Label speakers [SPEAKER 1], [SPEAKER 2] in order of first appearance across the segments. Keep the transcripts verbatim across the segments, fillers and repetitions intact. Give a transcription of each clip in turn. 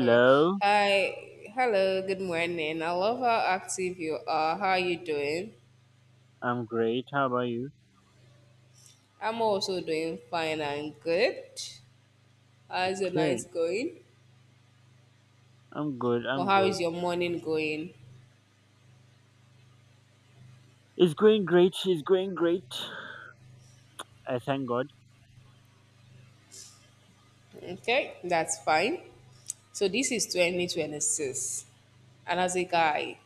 [SPEAKER 1] Okay. Hi. Hello. Good morning. I love how active you are. How are you doing?
[SPEAKER 2] I'm great. How about you?
[SPEAKER 1] I'm also doing fine and good. How's your night
[SPEAKER 2] Okay,
[SPEAKER 1] going?
[SPEAKER 2] I'm good.
[SPEAKER 1] Or
[SPEAKER 2] I'm
[SPEAKER 1] how is
[SPEAKER 2] good.
[SPEAKER 1] your morning going?
[SPEAKER 2] It's going great. It's going great. I thank God.
[SPEAKER 1] Okay, that's fine. So this is twenty twenty-six. And as a guy,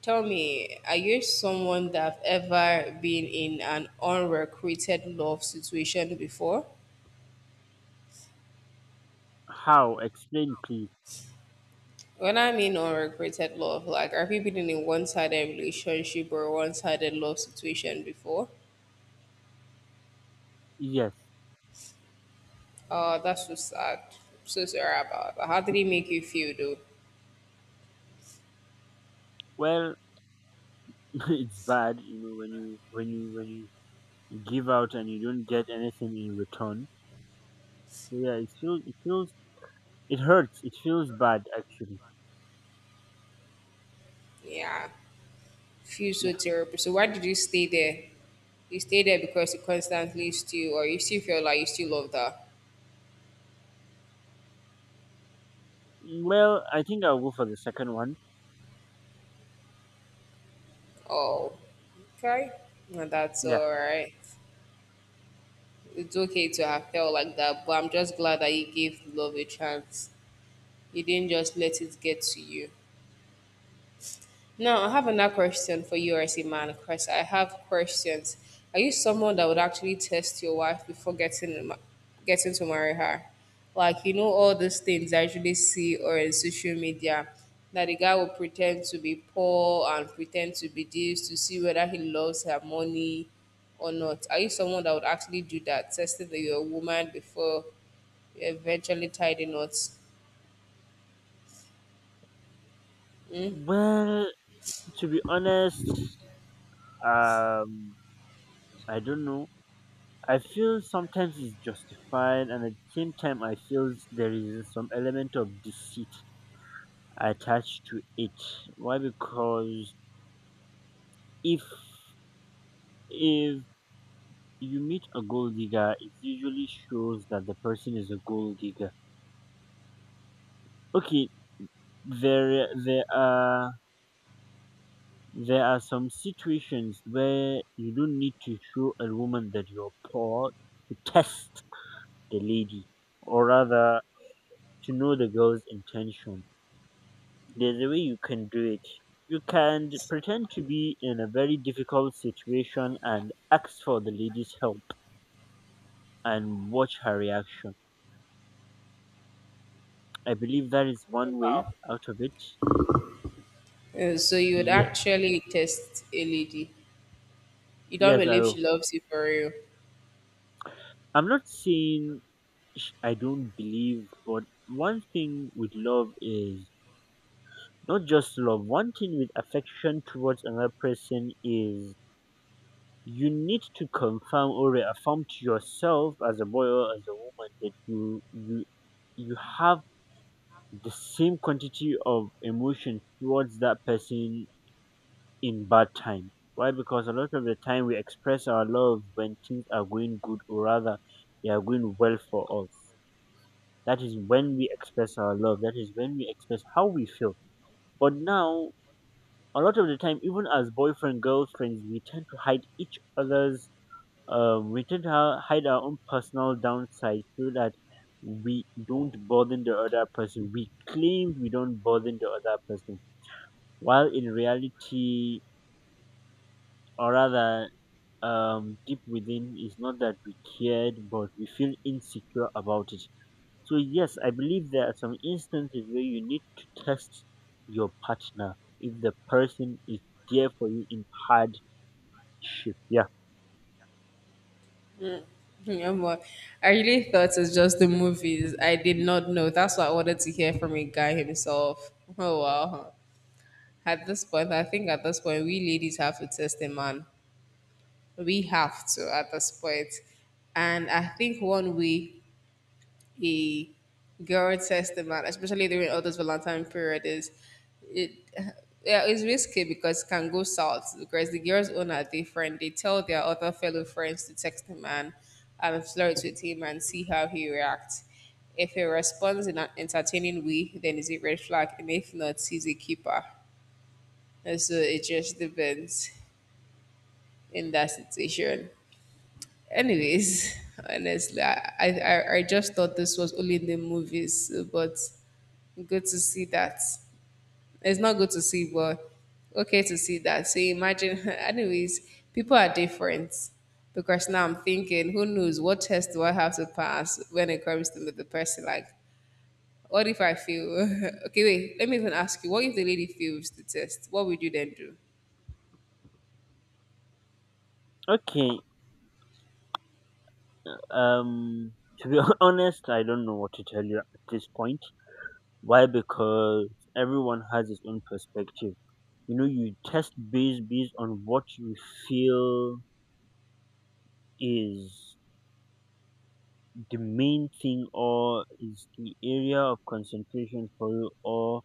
[SPEAKER 1] tell me, are you someone that have ever been in an unrecruited love situation before?
[SPEAKER 2] How? Explain, please.
[SPEAKER 1] When I mean unrequited love, like have you been in a one-sided relationship or a one-sided love situation before?
[SPEAKER 2] Yes.
[SPEAKER 1] Oh, that's so sad. So sorry about that. How did it make you feel though?
[SPEAKER 2] Well, it's bad, you know, when you when you when you you give out and you don't get anything in return. So yeah, it feels it feels it hurts. It feels bad actually.
[SPEAKER 1] Yeah, feel so
[SPEAKER 2] Yeah.
[SPEAKER 1] terrible. So why did you stay there? You stay there because you constantly still, or you still feel like you still love that.
[SPEAKER 2] Well, I think I'll go for the second one.
[SPEAKER 1] Oh, okay. No, that's
[SPEAKER 2] Yeah.
[SPEAKER 1] all right. It's okay to have felt like that, but I'm just glad that you gave love a chance. You didn't just let it get to you. Now, I have another question for you as a man, because I have questions. Are you someone that would actually test your wife before getting ma- getting to marry her? Like, you know, all these things I usually see or in social media that the guy will pretend to be poor and pretend to be this to see whether he loves her money or not. Are you someone that would actually do that, testing that you're a woman before you eventually tie the knots?
[SPEAKER 2] Well, to be honest, um, I don't know. I feel sometimes it's justified, and at the same time, I feel there is some element of deceit attached to it. Why? Because if if you meet a gold digger, it usually shows that the person is a gold digger. Okay, there there are there are some situations where you don't need to show a woman that you're poor to test the lady, or rather to know the girl's intention. There's a way you can do it. You can pretend to be in a very difficult situation and ask for the lady's help and watch her reaction. I believe that is one way out of it.
[SPEAKER 1] Uh, so you would
[SPEAKER 2] Yes,
[SPEAKER 1] actually test a lady. You don't
[SPEAKER 2] yes, I
[SPEAKER 1] believe she
[SPEAKER 2] will.
[SPEAKER 1] loves you for real.
[SPEAKER 2] I'm not saying sh- I don't believe, but one thing with love is not just love. One thing with affection towards another person is, you need to confirm or reaffirm to yourself as a boy or as a woman that you you you have the same quantity of emotion towards that person in bad times. Why? Because a lot of the time we express our love when things are going good or rather they are going well for us. That is when we express our love. That is when we express how we feel. But now a lot of the time, even as boyfriend, girlfriends, we tend to hide each other's. Uh, we tend to hi- hide our own personal downside so that we don't burden the other person. We claim we don't burden the other person, while in reality, or rather, um, deep within, is not that we cared, but we feel insecure about it. So yes, I believe there are some instances where you need to test your partner if the person is there for you in hardship. Yeah.
[SPEAKER 1] No more. I really thought it's just the movies. I did not know. That's what I wanted to hear from a guy himself. Oh wow. At this point, I think at this point we ladies have to test a man. We have to at this point. And I think one way a girl tests a man, especially during all this Valentine period, is it. Yeah, it's risky because it can go south because the girls' own are different. They tell their other fellow friends to text him and um, flirt with him and see how he reacts. If he responds in an entertaining way, then is a red flag, and if not, he's a keeper. And so it just depends in that situation. Anyways, honestly, I, I, I just thought this was only in the movies, but good to see that. It's not good to see, but okay to see that. So imagine, anyways, people are different because now I'm thinking, who knows what test do I have to pass when it comes to the person? Like, what if I fail? Okay, wait, let me even ask you, what if the lady fails the test? What would you then do?
[SPEAKER 2] Okay. Um, to be honest, I don't know what to tell you at this point. Why? Because everyone has his own perspective. You know, you test based based on what you feel is the main thing, or is the area of concentration for you, or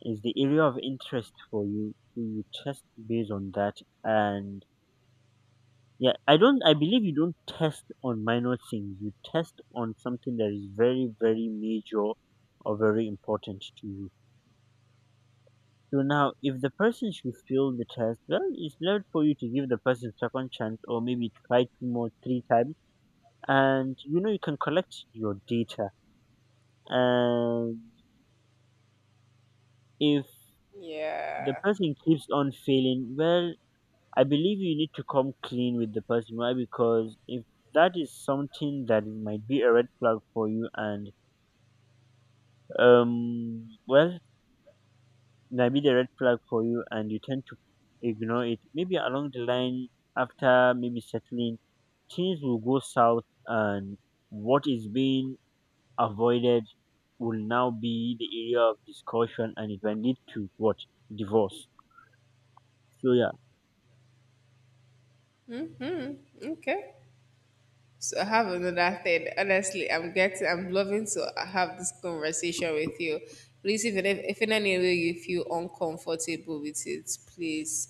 [SPEAKER 2] is the area of interest for you. So you test based on that. And yeah, I don't. I believe you don't test on minor things. You test on something that is very, very major or very important to you. So now, if the person should fail the test, well, it's not for you to give the person second chance or maybe try two more, three times, and you know you can collect your data. And if the
[SPEAKER 1] Yeah.
[SPEAKER 2] person keeps on failing, well, I believe you need to come clean with the person. Why? Because if that is something that might be a red flag for you and um well, might be the red flag for you and you tend to ignore it maybe along the line after maybe settling, things will go south, and what is being avoided will now be the area of discussion, and it will lead to what? Divorce. So yeah.
[SPEAKER 1] Okay. So I have another thing. Honestly, I'm getting, I'm loving to have this conversation with you. Please, if in, if in any way you feel uncomfortable with it, please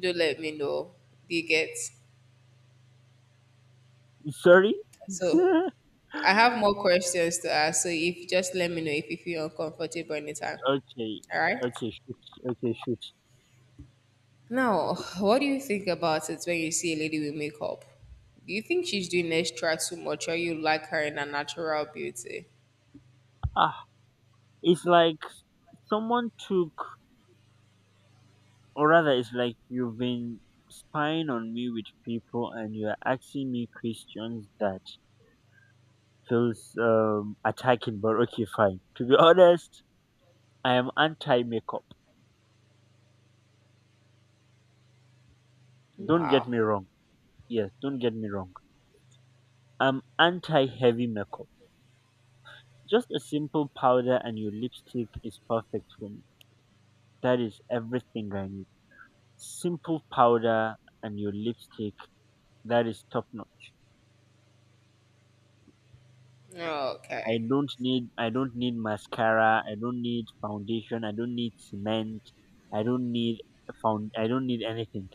[SPEAKER 1] do let me know. Do you get?
[SPEAKER 2] Sorry.
[SPEAKER 1] So I
[SPEAKER 2] Okay.
[SPEAKER 1] have more questions to ask. So if just let me know if you feel uncomfortable anytime. All right.
[SPEAKER 2] Okay, shoot. Okay, shoot.
[SPEAKER 1] Now, what do you think about it when you see a lady with makeup? Do you think she's doing extra too much or you like her in her natural beauty?
[SPEAKER 2] Ah, it's like someone took. Or rather, it's like you've been spying on me with people and you're asking me questions that feels um, attacking, but okay, fine. To be honest, I am anti makeup. Don't get
[SPEAKER 1] Wow.
[SPEAKER 2] me wrong. Yes, don't get me wrong. I'm anti heavy makeup. Just a simple powder and your lipstick is perfect for me. That is everything I need. Simple powder and your lipstick, that is top notch. I
[SPEAKER 1] Okay.
[SPEAKER 2] don't need I don't need mascara, I don't need foundation, I don't need cement, I don't need found I don't need anything.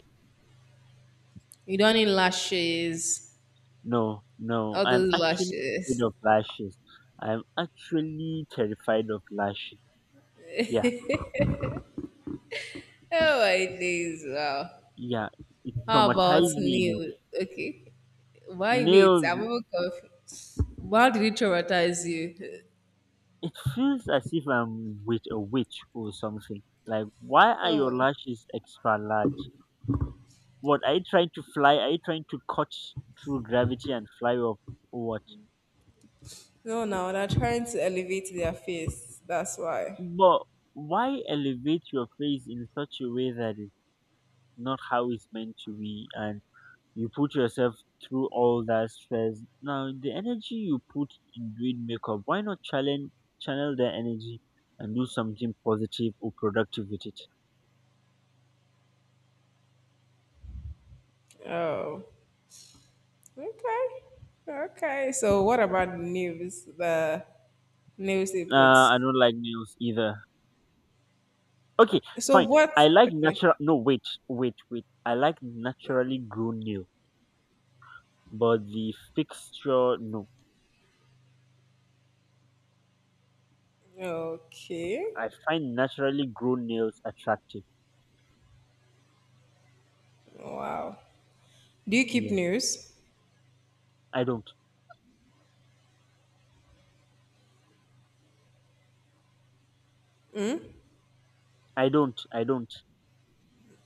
[SPEAKER 1] You don't need lashes.
[SPEAKER 2] No, no,
[SPEAKER 1] All
[SPEAKER 2] I'm
[SPEAKER 1] those
[SPEAKER 2] actually afraid
[SPEAKER 1] lashes.
[SPEAKER 2] of lashes. I'm actually terrified of lashes. Yeah, it
[SPEAKER 1] Oh
[SPEAKER 2] f-
[SPEAKER 1] my days. Wow.
[SPEAKER 2] yeah, it, it
[SPEAKER 1] How about
[SPEAKER 2] traumatized me in a
[SPEAKER 1] Neil?
[SPEAKER 2] way.
[SPEAKER 1] Okay. Why wait?
[SPEAKER 2] Nails,
[SPEAKER 1] I'm even confused. Why did it traumatize you?
[SPEAKER 2] it feels as if I'm with a witch or something. Like, why are your
[SPEAKER 1] Oh,
[SPEAKER 2] lashes extra large? What are you trying to fly? Are you trying to cut through gravity and fly off? What?
[SPEAKER 1] no, now they're trying to elevate their face. That's why.
[SPEAKER 2] But why elevate your face in such a way that it's not how it's meant to be and you put yourself through all that stress? Now the energy you put in doing makeup, why not challenge channel that energy and do something positive or productive with it?
[SPEAKER 1] Oh, okay. Okay. So, what about the news? The news they put.
[SPEAKER 2] Nah, I don't like nails either. Okay,
[SPEAKER 1] So,
[SPEAKER 2] fine.
[SPEAKER 1] what?
[SPEAKER 2] I like
[SPEAKER 1] Okay.
[SPEAKER 2] natural. No, wait, wait, wait. I like naturally grown nail, but the fixture no.
[SPEAKER 1] Okay.
[SPEAKER 2] I find naturally grown nails attractive.
[SPEAKER 1] Wow. Do you keep
[SPEAKER 2] Yes,
[SPEAKER 1] news?
[SPEAKER 2] I don't. I don't. I don't.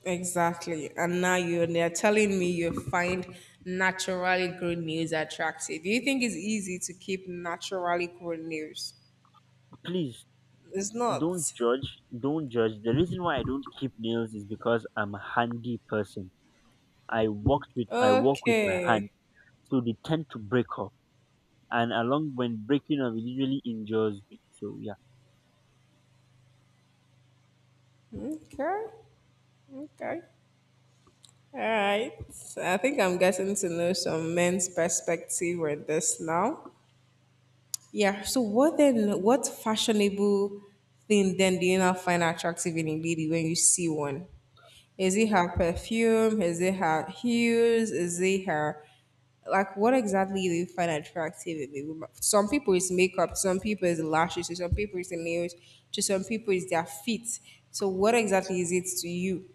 [SPEAKER 1] Exactly. And now you're and they're telling me you find naturally grown nails attractive. Do you think it's easy to keep naturally grown nails?
[SPEAKER 2] Please
[SPEAKER 1] It's
[SPEAKER 2] don't
[SPEAKER 1] not.
[SPEAKER 2] judge. Don't judge. The reason why I don't keep nails is because I'm a handy person. I worked with I work with my hand,
[SPEAKER 1] Okay.
[SPEAKER 2] so they tend to break off. And along when breaking off, it usually injures me. So yeah.
[SPEAKER 1] Okay. Okay. All right. I think I'm getting to know some men's perspective with this now. Yeah. So what then? What fashionable thing then do you now find attractive in a lady when you see one? Is it her perfume? Is it her heels? Is it her like what exactly do you find attractive in a woman? Some people it's makeup, some people it's lashes, to some people it's the nails, to some people it's their feet. So what exactly is it to you?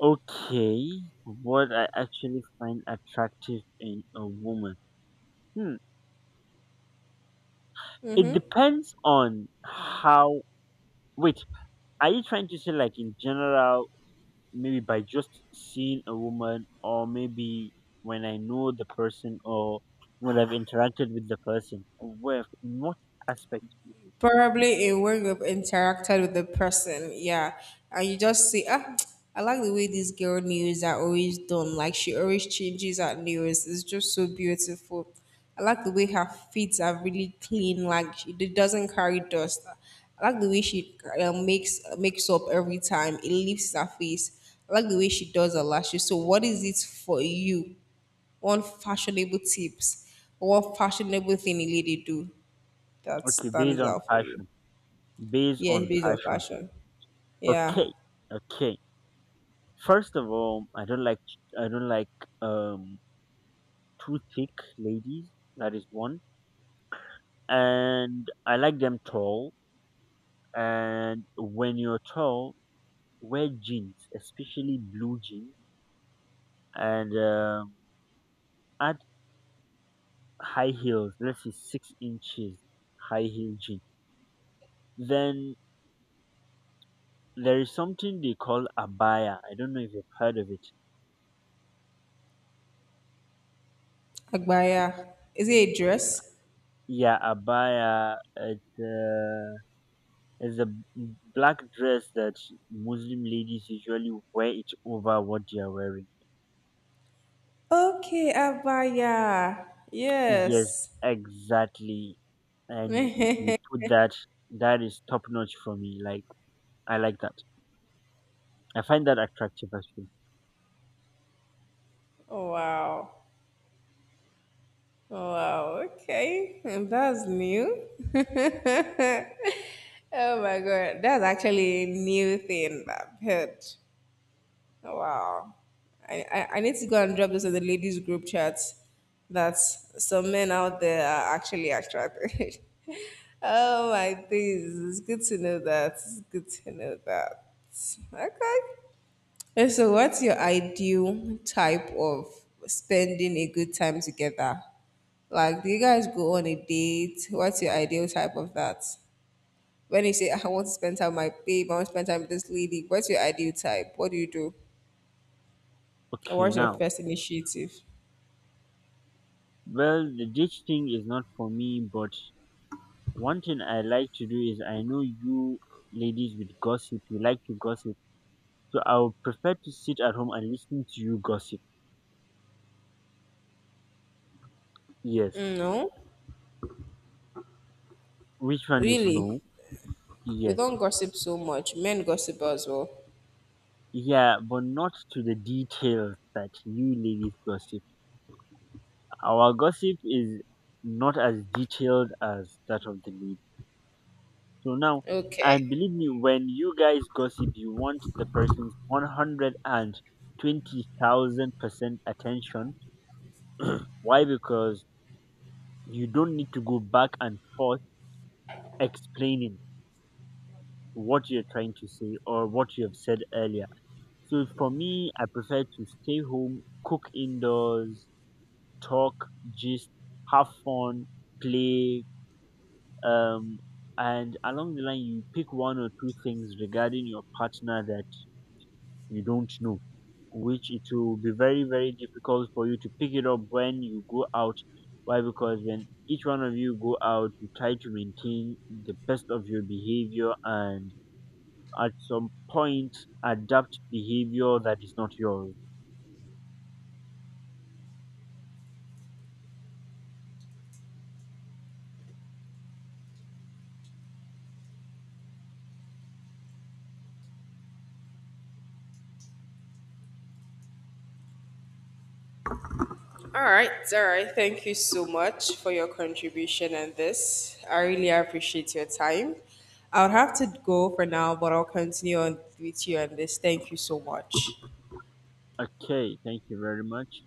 [SPEAKER 2] Okay, what I actually find attractive in a woman. Hmm. It depends on how. Wait, are you trying to say like in general maybe by just seeing a woman or maybe when I know the person or when I've interacted with the person. Well, in what aspect?
[SPEAKER 1] Probably a when you've interacted with the person, yeah, and you just see, ah, I like the way this girl nails are always done. Like she always changes her nails. It's just so beautiful. I like the way her feet are really clean. Like she, it doesn't carry dust. I like the way she uh, makes makes up every time. It lifts her face. I like the way she does her lashes. So, what is it for you? One fashionable tips, one fashionable thing a lady do that
[SPEAKER 2] Okay, based
[SPEAKER 1] stands
[SPEAKER 2] on
[SPEAKER 1] out for you?
[SPEAKER 2] fashion. Based
[SPEAKER 1] Yes. It's
[SPEAKER 2] on
[SPEAKER 1] based on
[SPEAKER 2] fashion.
[SPEAKER 1] fashion. Yeah.
[SPEAKER 2] Okay, okay. First of all, I don't like I don't like um too thick ladies. That is one, and I like them tall. And when you're tall, wear jeans, especially blue jeans, and um, add high heels, let's say six inches high heel jean. Then there is something they call abaya. I don't know if you've heard of it.
[SPEAKER 1] Agbaya. Is it a dress?
[SPEAKER 2] Yeah, abaya. It's, uh, it's a b- black dress that Muslim ladies usually wear it over what they are wearing.
[SPEAKER 1] Okay, Abaya.
[SPEAKER 2] Yes,
[SPEAKER 1] Yes.
[SPEAKER 2] exactly. And you put that. That is top notch for me. Like I like that. I find that attractive as well.
[SPEAKER 1] Wow. Oh, wow. Okay. And that's new. Oh my God. That's actually a new thing that I've heard. Oh, wow. I, I, I need to go and drop this in the ladies group chat that some men out there are actually attracted. Oh my days. It's good to know that. It's good to know that. Okay. And so what's your ideal type of spending a good time together? Like, do you guys go on a date? What's your ideal type of that? When you say, I want to spend time with my babe, I want to spend time with this lady, what's your ideal type? What do you do? Or
[SPEAKER 2] Okay,
[SPEAKER 1] what's your
[SPEAKER 2] now.
[SPEAKER 1] first initiative?
[SPEAKER 2] Well, the ditch thing is not for me, but one thing I like to do is, I know you ladies with gossip, you like to gossip. So I would prefer to sit at home and listen to you gossip. Yes.
[SPEAKER 1] No,
[SPEAKER 2] Which one is
[SPEAKER 1] really.
[SPEAKER 2] no?
[SPEAKER 1] We
[SPEAKER 2] Yes.
[SPEAKER 1] don't gossip so much. Men gossip as well.
[SPEAKER 2] Yeah, but not to the details that you ladies gossip. Our gossip is not as detailed as that of the ladies. So now,
[SPEAKER 1] Okay.
[SPEAKER 2] and believe me, when you guys gossip, you want the person's one hundred twenty thousand percent attention. Why? Because you don't need to go back and forth explaining what you're trying to say or what you have said earlier. So for me, I prefer to stay home, cook indoors, talk, gist, have fun, play, um, and along the line, you pick one or two things regarding your partner that you don't know, which it will be very, very difficult for you to pick it up when you go out. Why? Because when each one of you go out, you try to maintain the best of your behavior and at some point adapt behavior that is not yours.
[SPEAKER 1] All right. All right. Thank you so much for your contribution and this. I really appreciate your time. I'll have to go for now, but I'll continue on with you on this. Thank you so much.
[SPEAKER 2] Okay, thank you very much.